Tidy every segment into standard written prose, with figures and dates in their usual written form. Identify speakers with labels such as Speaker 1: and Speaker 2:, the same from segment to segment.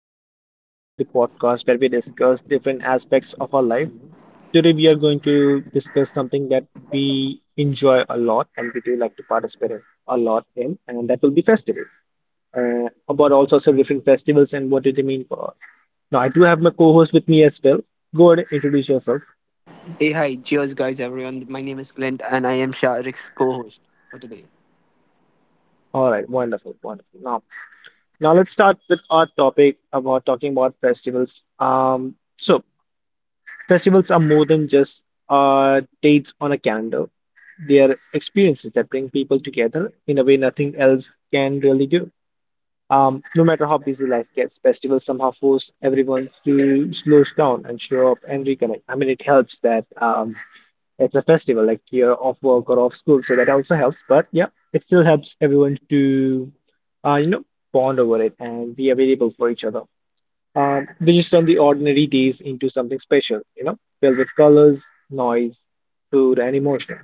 Speaker 1: and welcome back to the podcast where we discuss different aspects of our life. Today we are going to discuss something that we enjoy a lot and we do like to participate in a lot in, and that will be festival. About all sorts of different festivals and what do they mean for us. Now I do have my co-host with me as well. Go ahead, introduce yourself.
Speaker 2: Hey, hi, cheers, guys, everyone. My name is Clint, and I am Sharik's co host for today.
Speaker 1: All right, wonderful, wonderful. Now let's start with our topic about talking about festivals. So festivals are more than just dates on a calendar. They are experiences that bring people together in a way nothing else can really do. No matter how busy life gets, festivals somehow force everyone to slow down and show up and reconnect. I mean, it helps that it's a festival, like you're off work or off school, so that also helps. But yeah, it still helps everyone to, uh, you know, bond over it and be available for each other. They just turn the ordinary days into something special, you know, filled with colors, noise, food, and emotion.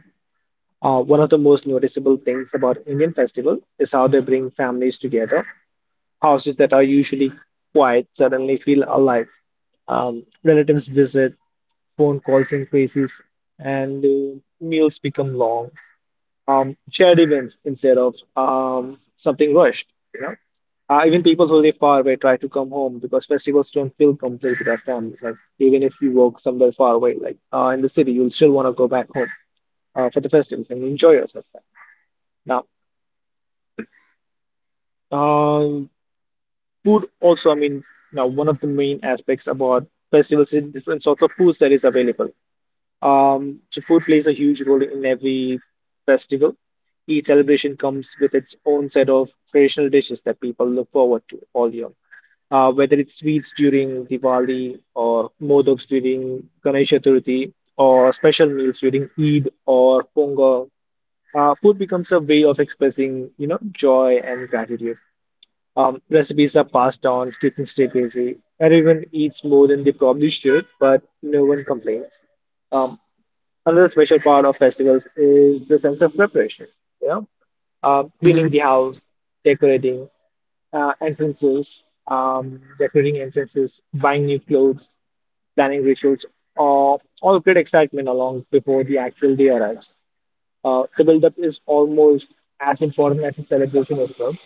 Speaker 1: One of the most noticeable things about Indian festival is how they bring families together. Houses that are usually quiet suddenly feel alive. Relatives visit, phone calls increases, and meals become long. Shared events instead of something rushed, you know. Even people who live far away try to come home because festivals don't feel complete without families. Like even if you work somewhere far away, like in the city, you'll still want to go back home for the festivals and enjoy yourself. Now, uh, food also. I mean, now one of the main aspects about festivals is different sorts of foods that is available. So food plays a huge role in every festival. Each celebration comes with its own set of traditional dishes that people look forward to all year. Whether it's sweets during Diwali or modaks during Ganesh Chaturthi or special meals during Eid or Pongal, food becomes a way of expressing, you know, joy and gratitude. Recipes are passed on, kitchens stay busy. Everyone eats more than they probably should, but no one complains. Um, Another special part of festivals is the sense of preparation, you know, cleaning the house, decorating, decorating entrances, buying new clothes, planning rituals, or all great excitement along before the actual day arrives. The build-up is almost as important as the celebration itself.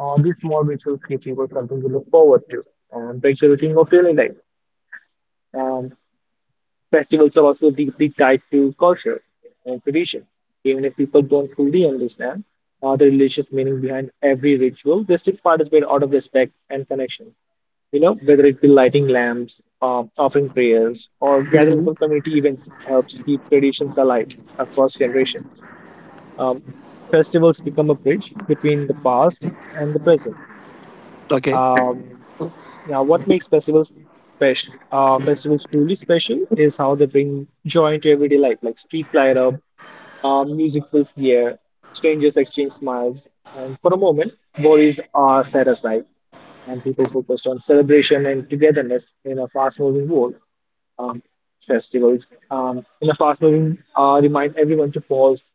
Speaker 1: These small rituals give people something to look forward to and break the routine of daily life. And festivals are also deeply tied to culture and tradition. Even if people don't fully understand the religious meaning behind every ritual, they still participate out of respect and connection. You know, whether it be lighting lamps, offering prayers, or gathering
Speaker 2: hmm
Speaker 1: for community events helps keep traditions alive across generations. Um, Festivals become a bridge between the past and the present.
Speaker 2: Okay.
Speaker 1: Um, what makes festivals special? Festivals truly special is how they bring joy into everyday life, like streets light up, music fills the air, strangers exchange smiles, and for a moment, worries are set aside, and people focus on celebration and togetherness in a fast-moving world. Um, Festivals in a fast-moving remind everyone to pause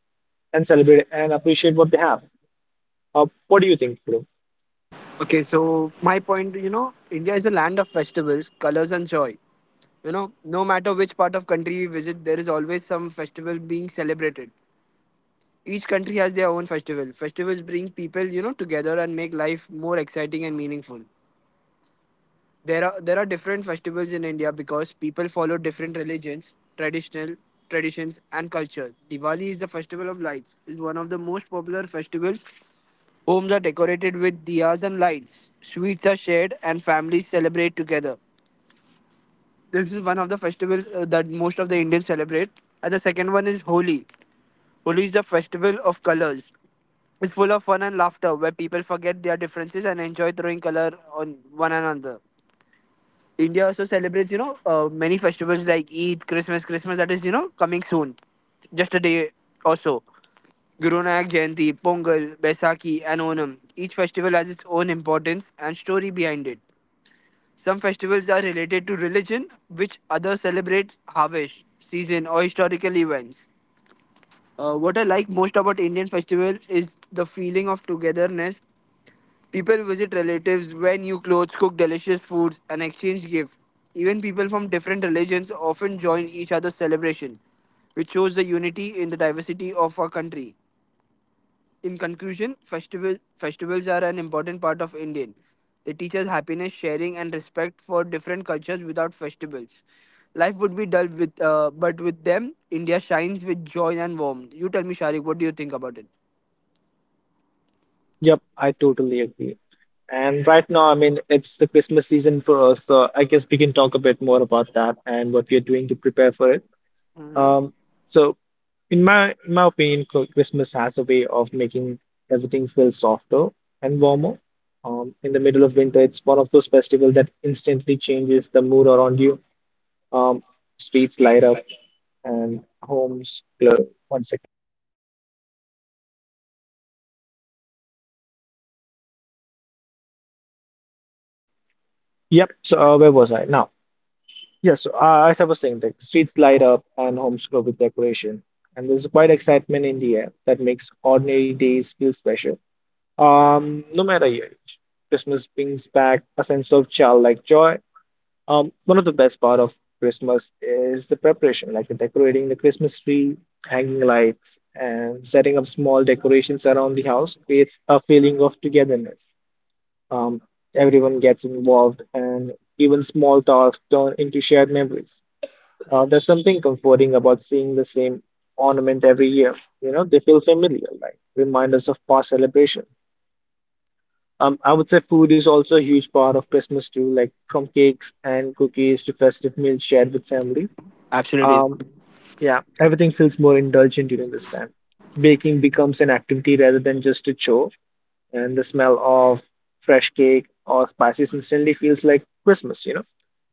Speaker 1: and celebrate and appreciate what they have. What do you think, Dhruv?
Speaker 2: Okay, so my point, you know, India is a land of festivals, colors, and joy. You know, no matter which part of country we visit, there is always some festival being celebrated. Each country has their own festival. Festivals bring people, you know, together and make life more exciting and meaningful. There are different festivals in India because people follow different religions, traditional traditions and culture. Diwali is the festival of lights. Is one of the most popular festivals. Homes are decorated with diyas and lights. Sweets are shared and families celebrate together. This is one of the festivals that most of the Indians celebrate. And the second one is Holi. Holi is the festival of colors. It's full of fun and laughter where people forget their differences and enjoy throwing color on one another. India also celebrates, you know, many festivals like Eid, Christmas, Christmas that is, you know, coming soon, just a day or so. Guru Nanak Jayanti, Pongal, Baisakhi, and Onam. Each festival has its own importance and story behind it. Some festivals are related to religion, which others celebrate harvest, season, or historical events. What I like most about Indian festival is the feeling of togetherness. People visit relatives, wear new clothes, cook delicious foods, and exchange gifts. Even people from different religions often join each other's celebration, which shows the unity in the diversity of our country. In conclusion, festivals are an important part of Indian. They teach us happiness, sharing, and respect for different cultures without festivals. Life would be dull with, but with them, India shines with joy and warmth. You tell me, Sharik, what do you think about it?
Speaker 1: Yep, I totally agree. And right now, I mean, it's the Christmas season for us, so I guess we can talk a bit more about that and what we are doing to prepare for it.
Speaker 2: Mhm.
Speaker 1: Um, so in my opinion, Christmas has a way of making everything feel softer and warmer. In the middle of winter, it's one of those festivals that instantly changes the mood around you. Um, Streets light up and homes glow. One second. Yep. So where was I now? Yes. So, as I was saying, the streets light up and homes glow with decoration, and there's quite excitement in the air that makes ordinary days feel special. No matter your age, Christmas brings back a sense of childlike joy. One of the best part of Christmas is the preparation, like the decorating the Christmas tree, hanging lights, and setting up small decorations around the house creates a feeling of togetherness. Um, Everyone gets involved, and even small tasks turn into shared memories. There's something comforting about seeing the same ornament every year. You know, they feel familiar, like reminders of past celebrations. I would say food is also a huge part of Christmas too, like from cakes and cookies to festive meals shared with family.
Speaker 2: Absolutely.
Speaker 1: Um, yeah, everything feels more indulgent during this time. Baking becomes an activity rather than just a chore, and the smell of fresh cake or spices instantly feels like Christmas, you know.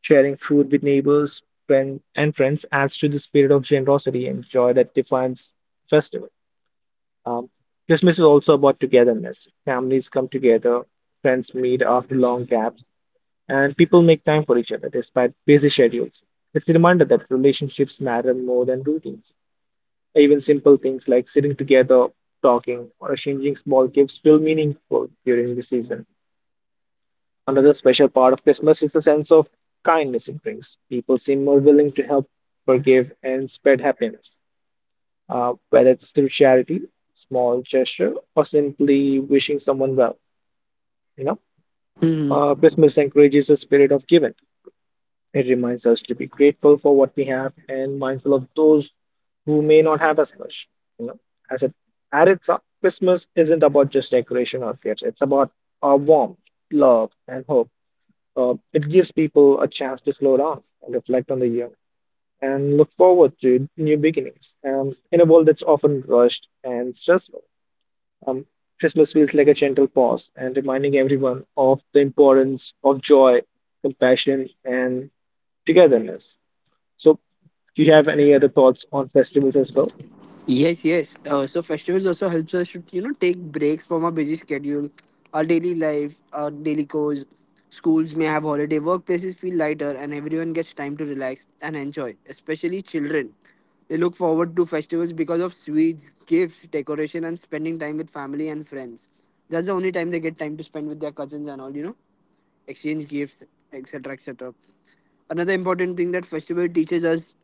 Speaker 1: Sharing food with neighbors, friend, and friends adds to the spirit of generosity and joy that defines festival. Um, Christmas is also about togetherness. Families come together, friends meet after long gaps, and people make time for each other despite busy schedules. It's a reminder that relationships matter more than routines. Even simple things like sitting together, talking, or exchanging small gifts feel meaningful during the season. Another special part of Christmas is the sense of kindness it brings. People seem more willing to help, forgive, and spread happiness whether it's through charity, small gesture, or simply wishing someone well. You know,
Speaker 2: Mhm.
Speaker 1: Christmas encourages a spirit of giving. It reminds us to be grateful for what we have and mindful of those who may not have as much. You know, as it at its up, Christmas isn't about just decoration or gifts. It's about our warmth, love, and hope. It gives people a chance to slow down and reflect on the year and look forward to new beginnings in a world that's often rushed and stressful. Um, Christmas feels like a gentle pause and reminding everyone of the importance of joy, compassion, and togetherness. So, do you have any other thoughts on festivals as well?
Speaker 2: Yes, yes. So festivals also helps us to you know take breaks from our busy schedule, our daily life, our daily chores. Schools may have holiday, workplaces feel lighter, and everyone gets time to relax and enjoy. Especially children, they look forward to festivals because of sweets, gifts, decoration, and spending time with family and friends. That's the only time they get time to spend with their cousins and all. You know, exchange gifts, etc., etc. Another important thing that festival teaches us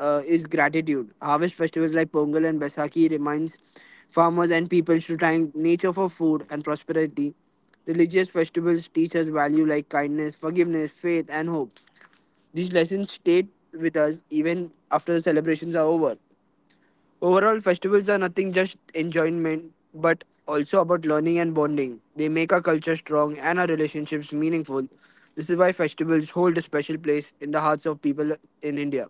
Speaker 2: is gratitude. Harvest festivals like Pongal and Baisakhi reminds farmers and people to thank nature for food and prosperity. Religious festivals teach us value like kindness, forgiveness, faith, and hope. These lessons stay with us even after the celebrations are over. Overall, festivals are nothing just enjoyment, but also about learning and bonding. They make our culture strong and our relationships meaningful. This is why festivals hold a special place in the hearts of people in India.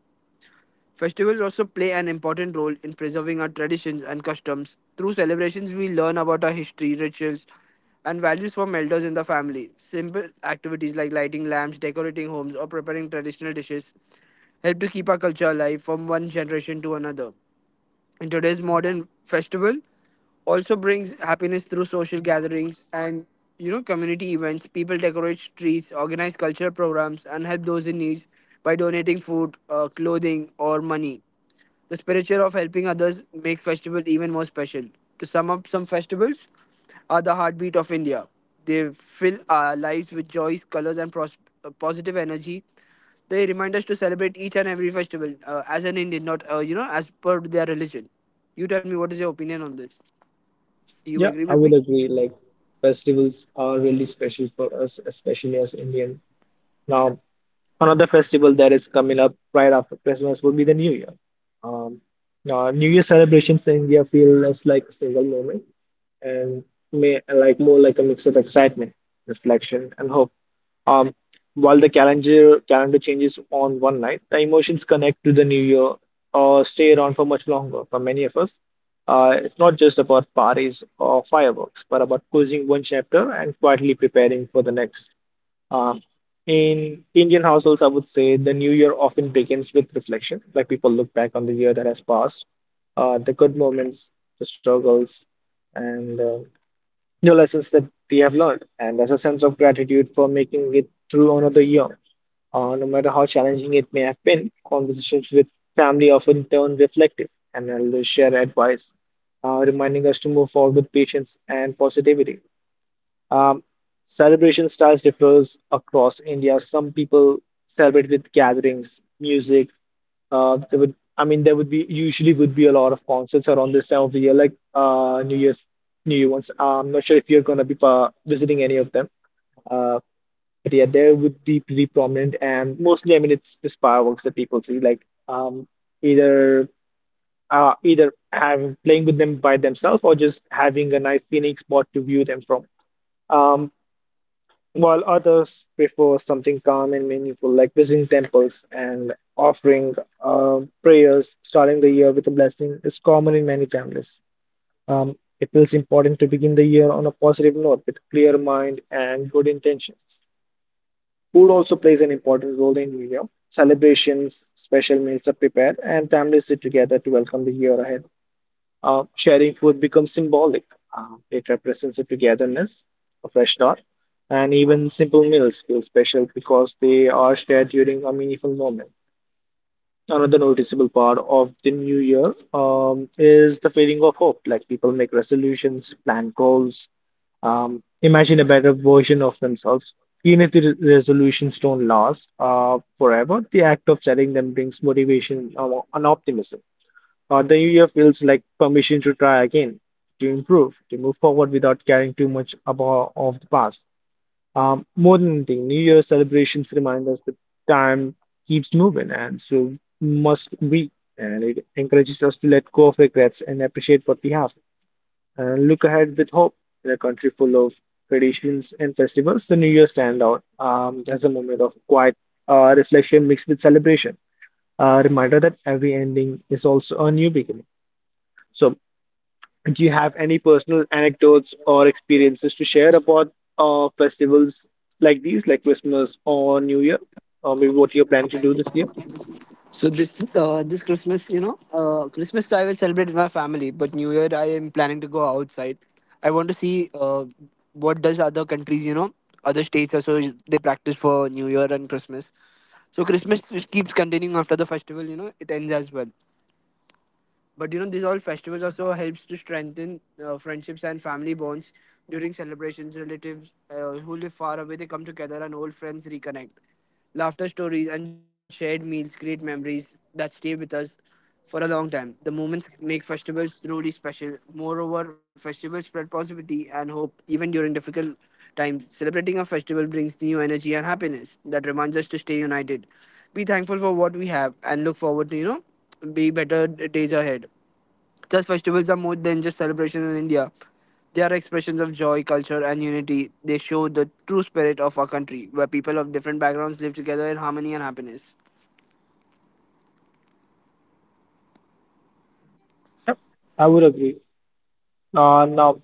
Speaker 2: Festivals also play an important role in preserving our traditions and customs. Through celebrations, we learn about our history, rituals, and values from elders in the family. Simple activities like lighting lamps, decorating homes, or preparing traditional dishes help to keep our culture alive from one generation to another. In today's modern festival also brings happiness through social gatherings and, you know, community events. People decorate streets, organize cultural programs, and help those in need by donating food, clothing, or money. The spiritual of helping others makes festival even more special. To sum up, some festivals are the heartbeat of India. They fill our lives with joys, colors, and positive energy. They remind us to celebrate each and every festival as an Indian, not you know, as per their religion. You tell me, what is your opinion on this? Do you
Speaker 1: Yeah,
Speaker 2: agree
Speaker 1: I
Speaker 2: with me?
Speaker 1: would agree. Like, festivals are really special for us, especially as Indian. Now, another festival that is coming up right after Christmas would be the New Year. Um, New Year celebrations in India feel less like a single moment and may like more like a mix of excitement, reflection, and hope. Um, while the calendar changes on one night, the emotions connect to the new year or stay around for much longer. For many of us, it's not just about parties or fireworks, but about closing one chapter and quietly preparing for the next. Um, in Indian households, I would say the new year often begins with reflection. Like people look back on the year that has passed, the good moments, the struggles, and the lessons that we have learned. And there's a sense of gratitude for making it through another year. No matter how challenging it may have been, conversations with family often turn reflective and elders share advice, reminding us to move forward with patience and positivity. Um, Celebration styles differs across India. Some people celebrate with gatherings, music. I mean, there would be usually would be a lot of concerts around this time of the year, like New Year's, New Year ones. I'm not sure if you're gonna be visiting any of them. Uh, but yeah, there would be pretty prominent, and mostly, I mean, it's just fireworks that people see, like either either having playing with them by themselves or just having a nice scenic spot to view them from. Um, while others prefer something calm and meaningful, like visiting temples and offering prayers. Starting the year with a blessing is common in many families. It feels important to begin the year on a positive note with clear mind and good intentions. Food also plays an important role in New Year. Celebrations, special meals are prepared, and families sit together to welcome the year ahead. Sharing food becomes symbolic. It represents a togetherness, a fresh start, and even simple meals feel special because they are shared during a meaningful moment. Another noticeable part of the new year is the feeling of hope. Like people make resolutions, plan goals, imagine a better version of themselves. Even if the resolutions don't last forever, the act of setting them brings motivation and optimism. The new year feels like permission to try again, to improve, to move forward without caring too much about of the past. More than anything, New Year celebrations remind us that time keeps moving, and so must we. And it encourages us to let go of regrets and appreciate what we have, and look ahead with hope. In a country full of traditions and festivals, the New Year stand out as a moment of quiet reflection mixed with celebration, a reminder that every ending is also a new beginning. So, do you have any personal anecdotes or experiences to share about festivals like these, like Christmas or New Year, or maybe what you're planning to do this year?
Speaker 2: So this this Christmas, you know, Christmas, so I will celebrate with my family, but New Year I am planning to go outside. I want to see what does other countries, you know, other states also they practice for New Year and Christmas. So Christmas just keeps continuing after the festival, you know, it ends as well. But you know, these all festivals also helps to strengthen friendships and family bonds. During celebrations, relatives who live far away they come together and old friends reconnect. Laughter stories and shared meals create memories that stay with us for a long time. The moments make festivals truly special. Moreover, festivals spread positivity and hope even during difficult times. Celebrating a festival brings new energy and happiness that reminds us to stay united. Be thankful for what we have and look forward to, you know, be better days ahead. Thus, festivals are more than just celebrations in India. They are expressions of joy, culture, and unity. They show the true spirit of our country, where people of different backgrounds live together in harmony and happiness.
Speaker 1: Yep, I would agree. Now,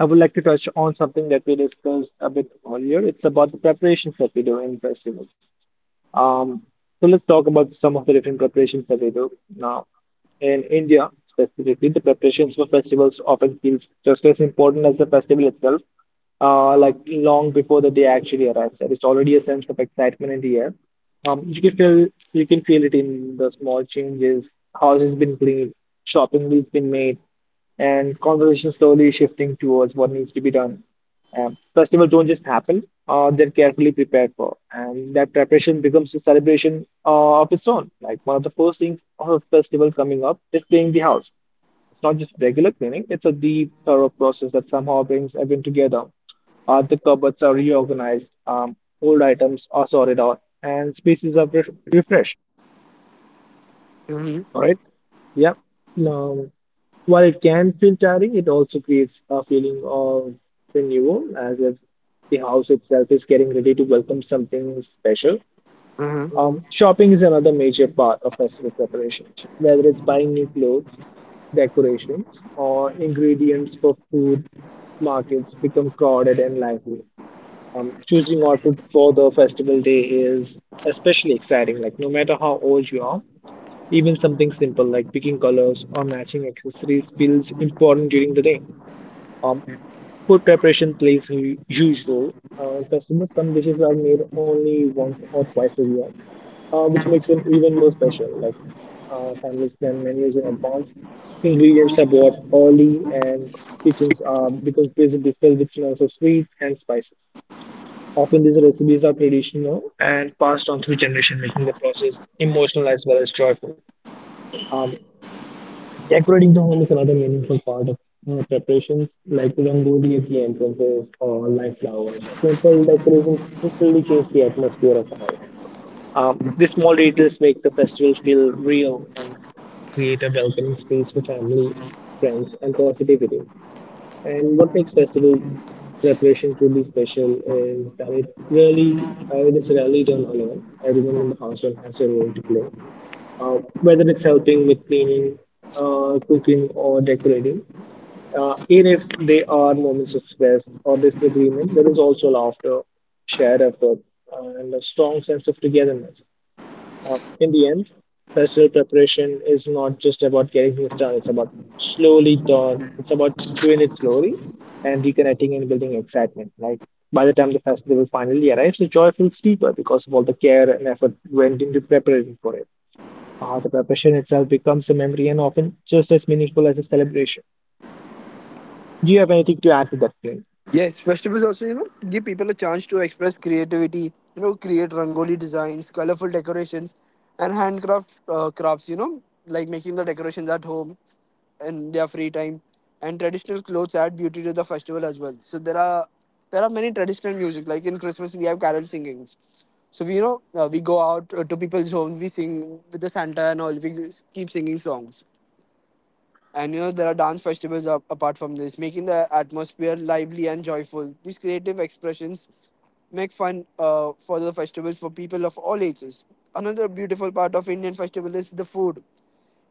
Speaker 1: I would like to touch on something that we discussed a bit earlier. It's about the preparations that we do in festivals. Um, so let's talk about some of the different preparations that we do now. In India, specifically, the preparations for festivals often feels just as important as the festival itself. Like long before the day actually arrives, there is already a sense of excitement in the air. You can feel you can feel it in the small changes. House has been cleaned, shopping has been made, and conversation slowly shifting towards what needs to be done. Festivals don't just happen; they're carefully prepared for, and that preparation becomes a celebration of its own. Like one of the first things of a festival coming up is cleaning the house. It's not just regular cleaning; it's a deep, thorough process that somehow brings everyone together. The cupboards are reorganized, old items are sorted out, and spaces are refreshed.
Speaker 2: Mm-hmm.
Speaker 1: All right. Yeah. Um, while it can feel tiring, it also creates a feeling of renewal, as if the house itself is getting ready to welcome something special. Shopping is another major part of festival preparation, whether it's buying new clothes, decorations, or ingredients for food markets become crowded and lively. Choosing outfit for the festival day is especially exciting. Like no matter how old you are, even something simple like picking colors or matching accessories feels important during the day. Um, Food preparation plays a huge role. In festivals, some dishes are made only once or twice a year, which makes them even more special. Families plan menus in advance, ingredients are bought early, and kitchens are becomes busy filled with smells of sweets and spices. Often these recipes are traditional and passed on through generation, making the process emotional as well as joyful. Um, decorating the home is another meaningful part of preparations, like rangoli at the entrances or light flowers. Or Simple decorations really change the atmosphere of the house. These small details make the festival feel real and create a welcoming space for family, friends, and positivity. And what makes festival preparation truly special is that it really, it is rarely done alone. Everyone in the household has their role to play. Whether it's helping with cleaning, cooking, or decorating, even if they are moments of stress or disagreement, there is also laughter, shared effort, and a strong sense of togetherness. In the end, festival preparation is not just about getting things done, it's about slowly done, it's about doing it slowly and reconnecting and building excitement. Like by the time the festival finally arrives, the joy feels deeper because of all the care and effort went into preparing for it. The preparation itself becomes a memory and often just as meaningful as a celebration. Do you have anything to add to that, Clint?
Speaker 2: Yes, festivals also, you know, give people a chance to express creativity, you know, create rangoli designs, colorful decorations, and handcraft crafts, you know, like making the decorations at home in their free time. And traditional clothes add beauty to the festival as well. So there are many traditional music. Like in Christmas, we have carol singings. So we, you know, we go out to people's homes, we sing with the Santa and all. We keep singing songs. And you know, there are dance festivals apart from this, making the atmosphere lively and joyful. These creative expressions make fun for the festivals for people of all ages. Another beautiful part of Indian festival is the food.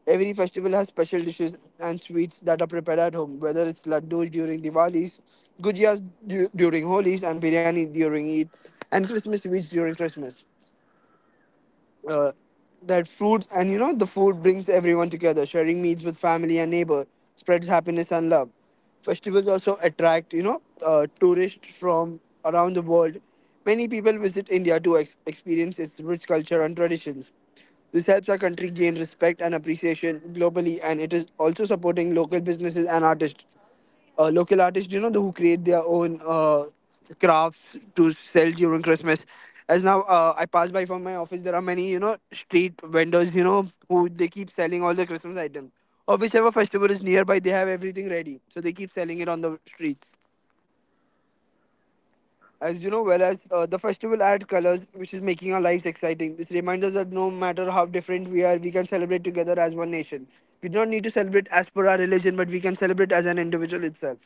Speaker 2: Every festival has special dishes and sweets that are prepared at home, whether it's laddus during Diwalis, gujiyas during Holis, and biryani during Eid, and Christmas sweets during Christmas uh, that fruits and, you know, the food brings everyone together. Sharing meals with family and neighbor spreads happiness and love. Festivals also attract, you know, tourists from around the world. Many people visit India to experience its rich culture and traditions. This helps our country gain respect and appreciation globally, and it is also supporting local businesses and artists. Local artists, you know, the, who create their own crafts to sell during Christmas. As now I pass by from my office, there are many, you know, street vendors, you know, who they keep selling all the Christmas items. Or whichever festival is nearby, they have everything ready. So they keep selling it on the streets. As you know, well as the festival adds colors, which is making our lives exciting. This reminds us that no matter how different we are, we can celebrate together as one nation. We do not need to celebrate as per our religion, but we can celebrate as an individual itself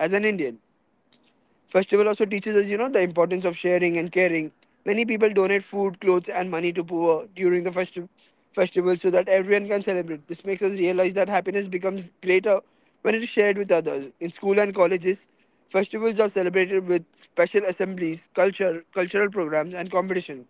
Speaker 2: as an Indian. Festival also teaches us, you know, the importance of sharing and caring. Many people donate food, clothes, and money to poor during the festival so that everyone can celebrate. This makes us realize that happiness becomes greater when it is shared with others. In school and colleges, festivals are celebrated with special assemblies, cultural programs, and competitions.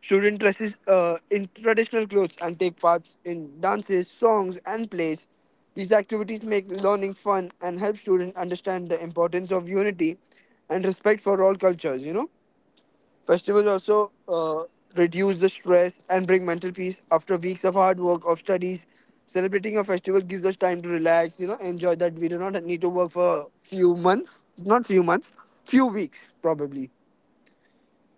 Speaker 2: Students dresses in traditional clothes and take parts in dances, songs, and plays. These activities make learning fun and help students understand the importance of unity and respect for all cultures. You know, festivals also reduce the stress and bring mental peace after weeks of hard work of studies. Celebrating a festival gives us time to relax. You know, enjoy that we do not need to work for few months. Not few months, few weeks probably,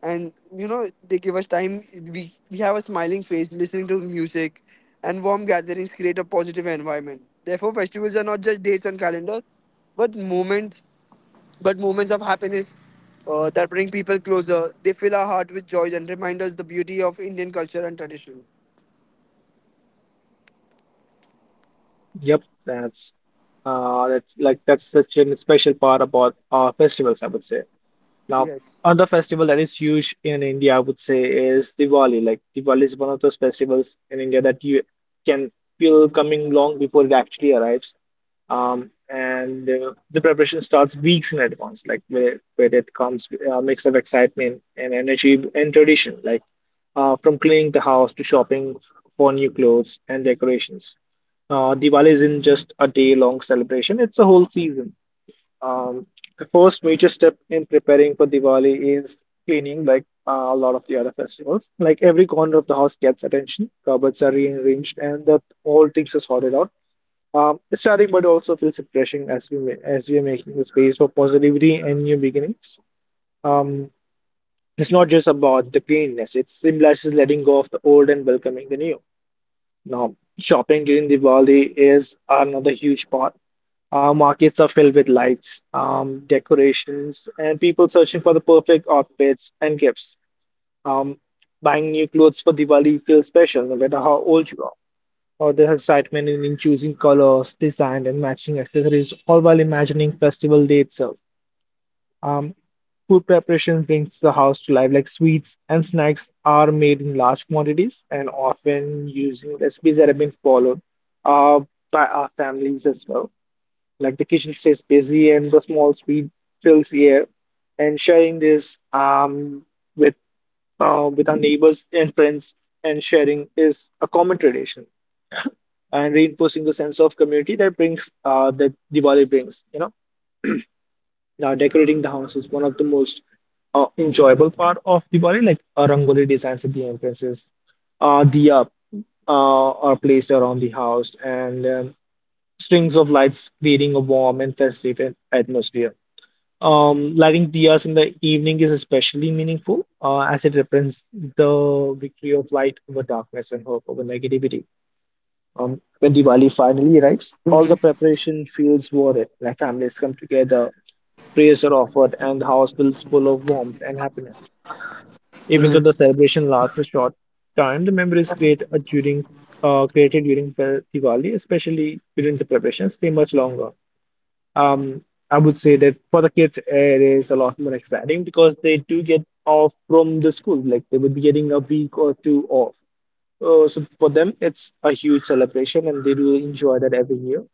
Speaker 2: and you know they give us time. We have a smiling face listening to music, and warm gatherings create a positive environment. Therefore, festivals are not just dates on calendar, but moments of happiness that bring people closer. They fill our heart with joy and remind us the beauty of Indian culture and tradition.
Speaker 1: Yep, that's that's such a special part about our festivals, I would say. Now,
Speaker 2: Yes.
Speaker 1: another festival that is huge in India, I would say, is Diwali. Like Diwali is one of those festivals in India that you can feel coming long before it actually arrives. And The preparation starts weeks in advance, like where it comes a mix of excitement and energy and tradition, like from cleaning the house to shopping for new clothes and decorations. Diwali isn't just a day-long celebration, it's a whole season. Um, the first major step in preparing for Diwali is cleaning, like a lot of the other festivals. Like every corner of the house gets attention, cupboards are rearranged, and the whole things are sorted out. It's starting, but also feels refreshing as as we are making the space for positivity and new beginnings. Um, it's not just about the cleanliness; it symbolizes letting go of the old and welcoming the new. Now, shopping during Diwali is another huge part. Our markets are filled with lights, decorations, and people searching for the perfect outfits and gifts. Um, buying new clothes for Diwali feels special, no matter how old you are. Or the excitement in choosing colors, design, and matching accessories, all while imagining festival day itself. Um, food preparation brings the house to life, like sweets and snacks are made in large quantities and often using recipes that have been followed uh, by our families as well. Like the kitchen stays busy and the small sweet fills the air. And sharing this with with our neighbors and friends and sharing is a common tradition and reinforcing the sense of community that brings that Diwali brings. You know, now decorating the house is one of the most enjoyable part of Diwali, like rangoli designs at the entrances, diya are placed around the house, and strings of lights creating a warm and festive atmosphere. Lighting diyas in the evening is especially meaningful as it represents the victory of light over darkness and hope over negativity. When Diwali finally arrives, all
Speaker 2: Mm-hmm.
Speaker 1: the preparation feels worth it. Like families come together, prayers are offered, and the house feels full of warmth and happiness. Even though the celebration lasts a short time, the memories created during Diwali, especially during the preparations, stay much longer. Um, I would say that for the kids, it is a lot more exciting because they do get off from the school. Like they would be getting a week or two off. So for them, it's a huge celebration, and they do enjoy that every year.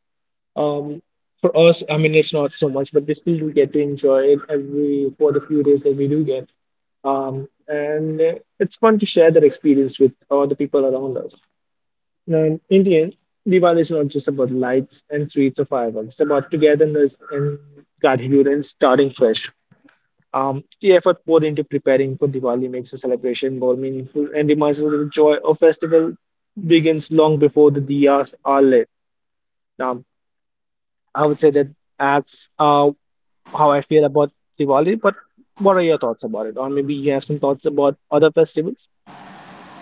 Speaker 1: Um, for us, I mean, it's not so much, but we still do get to enjoy it every for the few days that we do get. And It's fun to share that experience with all the people around us. Now, in Indian, Diwali is not just about lights and sweets or fireworks. It's about togetherness and gratitude and starting fresh. The effort poured into preparing for Diwali makes the celebration more meaningful and reminds us that the joy of festival begins long before the diyas are lit. Um, I would say that that's how I feel about Diwali. But what are your thoughts about it? Or maybe you have some thoughts about other festivals?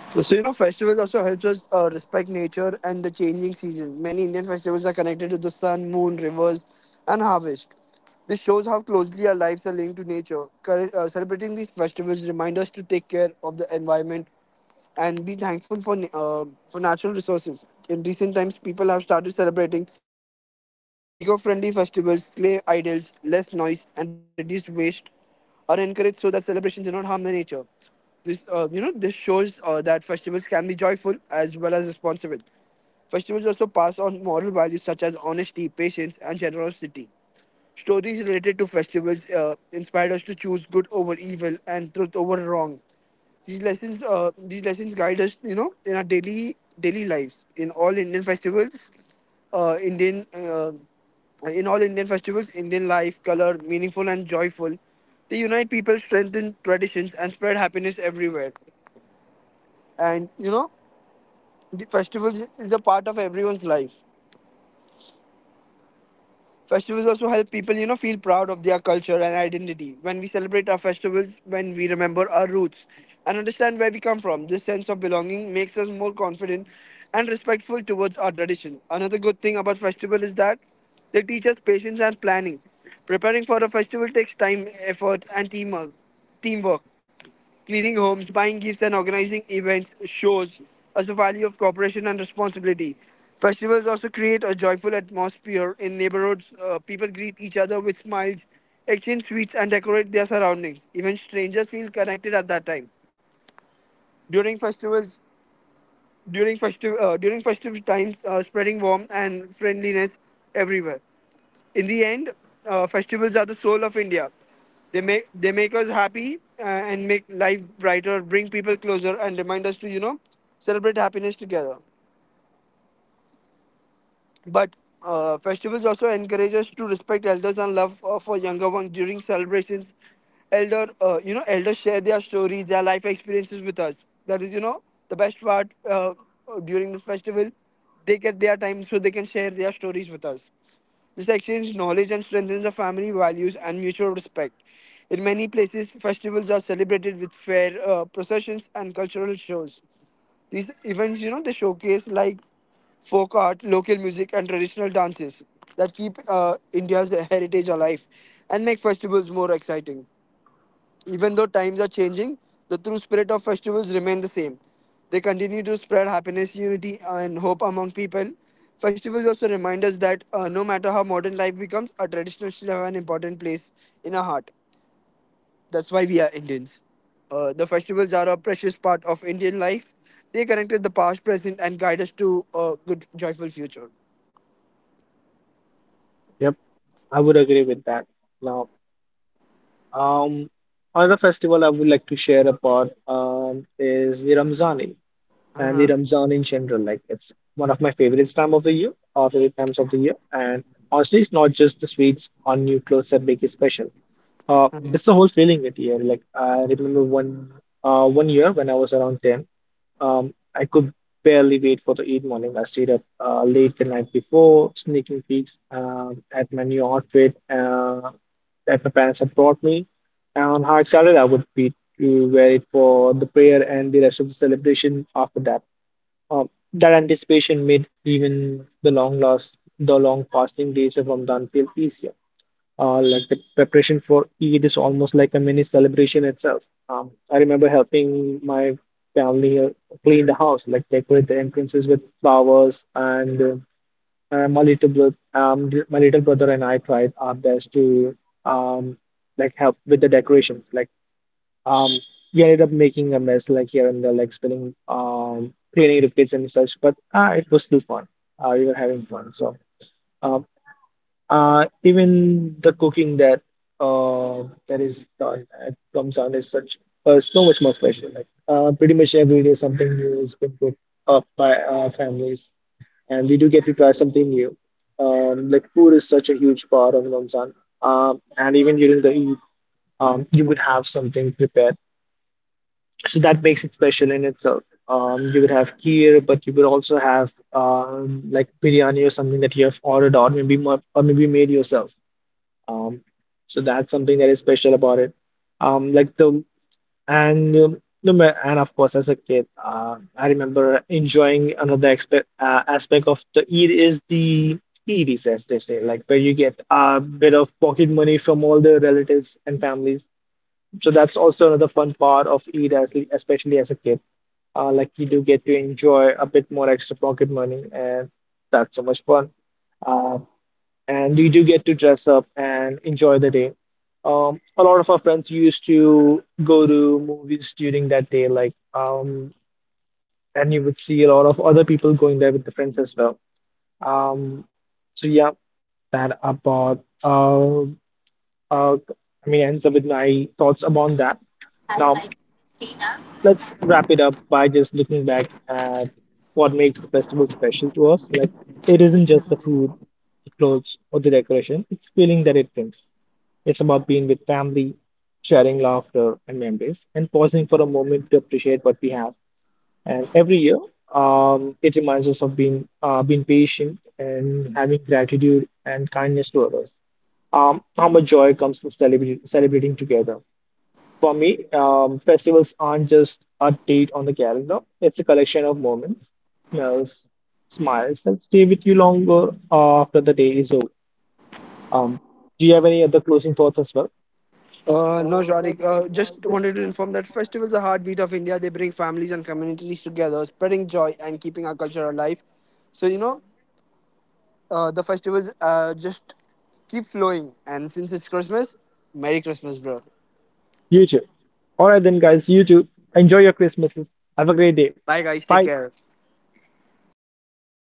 Speaker 2: So, you know, festivals also helps us respect nature and the changing seasons. Many Indian festivals are connected to the sun, moon, rivers, and harvest. This shows how closely our lives are linked to nature. Celebrating these festivals remind us to take care of the environment and be thankful for for natural resources. In recent times, people have started celebrating eco-friendly festivals, clay idols, less noise, and reduced waste are encouraged so that celebrations do not harm the nature. This, you know, this shows that festivals can be joyful as well as responsible. Festivals also pass on moral values such as honesty, patience, and generosity. Stories related to festivals inspired us to choose good over evil and truth over wrong. These lessons guide us, you know, in our daily lives. Uh, Indian, uh, in all Indian festivals, Indian life, color, meaningful and joyful. They unite people, strengthen traditions, and spread happiness everywhere. And you know, the festivals is a part of everyone's life. Festivals also help people, you know, feel proud of their culture and identity. When we celebrate our festivals, when we remember our roots and understand where we come from, this sense of belonging makes us more confident and respectful towards our tradition. Another good thing about festival is that they teach us patience and planning. Preparing for a festival takes time, effort, and teamwork. Teamwork cleaning homes, buying gifts, and organizing events shows us the value of cooperation and responsibility. Festivals also create a joyful atmosphere in neighborhoods. People greet each other with smiles, exchange sweets, and decorate their surroundings. Even strangers feel connected at that time. During festivals, during festive times, spreading warmth and friendliness everywhere. In the end, festivals are the soul of India. They make us happy and make life brighter, bring people closer, and remind us to, you know, celebrate happiness together. But festivals also encourage us to respect elders and love for younger ones during celebrations. You know, elders share their stories, their life experiences with us. That is, you know, the best part during this festival. They get their time so they can share their stories with us. This exchange knowledge and strengthens the family values and mutual respect. In many places, festivals are celebrated with fair processions and cultural shows. These events, you know, they showcase like folk art, local music, and traditional dances that keep India's heritage alive and make festivals more exciting. Even though times are changing, the true spirit of festivals remain the same. They continue to spread happiness, unity, and hope among people. Festivals also remind us that no matter how modern life becomes, our traditions still have an important place in our heart. That's why we are Indians. The festivals are a precious part of Indian life. They connected the past, present, and guide us to a good, joyful future.
Speaker 1: Yep, I would agree with that. Now. Um, another festival I would like to share about is the Ramzani and the
Speaker 2: Uh-huh.
Speaker 1: Ramzan in general. Like it's one of my favorites time of the year, or favorite times of the year. And honestly, it's not just the sweets or new clothes that make it special. It's the whole feeling it year. Like I remember one year when I was around 10. I could barely wait for the Eid morning. I stayed up late the night before, sneaking peeks at my new outfit that my parents had brought me. And how excited I would be to wear it for the prayer and the rest of the celebration after that. That anticipation made even the long fasting days of Ramadan feel easier. Like the preparation for Eid is almost like a mini celebration itself. I remember helping my family clean the house, like decorate the entrances with flowers, and my little brother and I tried our best to um, like help with the decorations. Um, we ended up making a mess, like here and there, like spilling cleaning the plates and such. But it was still fun. We were having fun, so. Um, Even the cooking that is done at Ramzan is such so much more special. Pretty much every day something new is being cooked up by our families, and we do get to try something new. Like food is such a huge part of Ramzan. And even during the Eid, you would have something prepared, so that makes it special in itself. You would have kheer, but you would also have like biryani or something that you have ordered or maybe made yourself, um, so that's something that is special about it. Like the and no ma- and of course as a kid, I remember enjoying another expe aspect of the Eid is the Eidies as they say, like where you get a bit of pocket money from all the relatives and families. So that's also another fun part of Eid, as especially as a kid. Like you do get to enjoy a bit more extra pocket money, and that's so much fun. Uh, and we do get to dress up and enjoy the day. A lot of our friends used to go to movies during that day, and you would see a lot of other people going there with the friends as well. Um, so yeah, that about I mean ends up with my thoughts upon that. Now
Speaker 2: Uh-huh.
Speaker 1: let's wrap it up by just looking back at what makes the festival special to us. Like it isn't just the food, the clothes, or the decoration; it's the feeling that it brings. It's about being with family, sharing laughter and memories, and pausing for a moment to appreciate what we have. And every year, it reminds us of being patient and having gratitude and kindness to others. How much joy comes from celebrating together. For me, festivals aren't just a date on the calendar. It's a collection of moments, smells, smiles that stay with you longer after the day is over. Um, do you have any other closing thoughts as well?
Speaker 2: No, Sharik. Just wanted to inform that festivals are heartbeat of India. They bring families and communities together, spreading joy and keeping our culture alive. So you know, the festivals just keep flowing. And since it's Christmas, Merry Christmas, bro.
Speaker 1: YouTube. All right, then, guys, YouTube. Enjoy your Christmases. Have a great day.
Speaker 2: Bye, guys. Take
Speaker 1: Bye.
Speaker 2: care.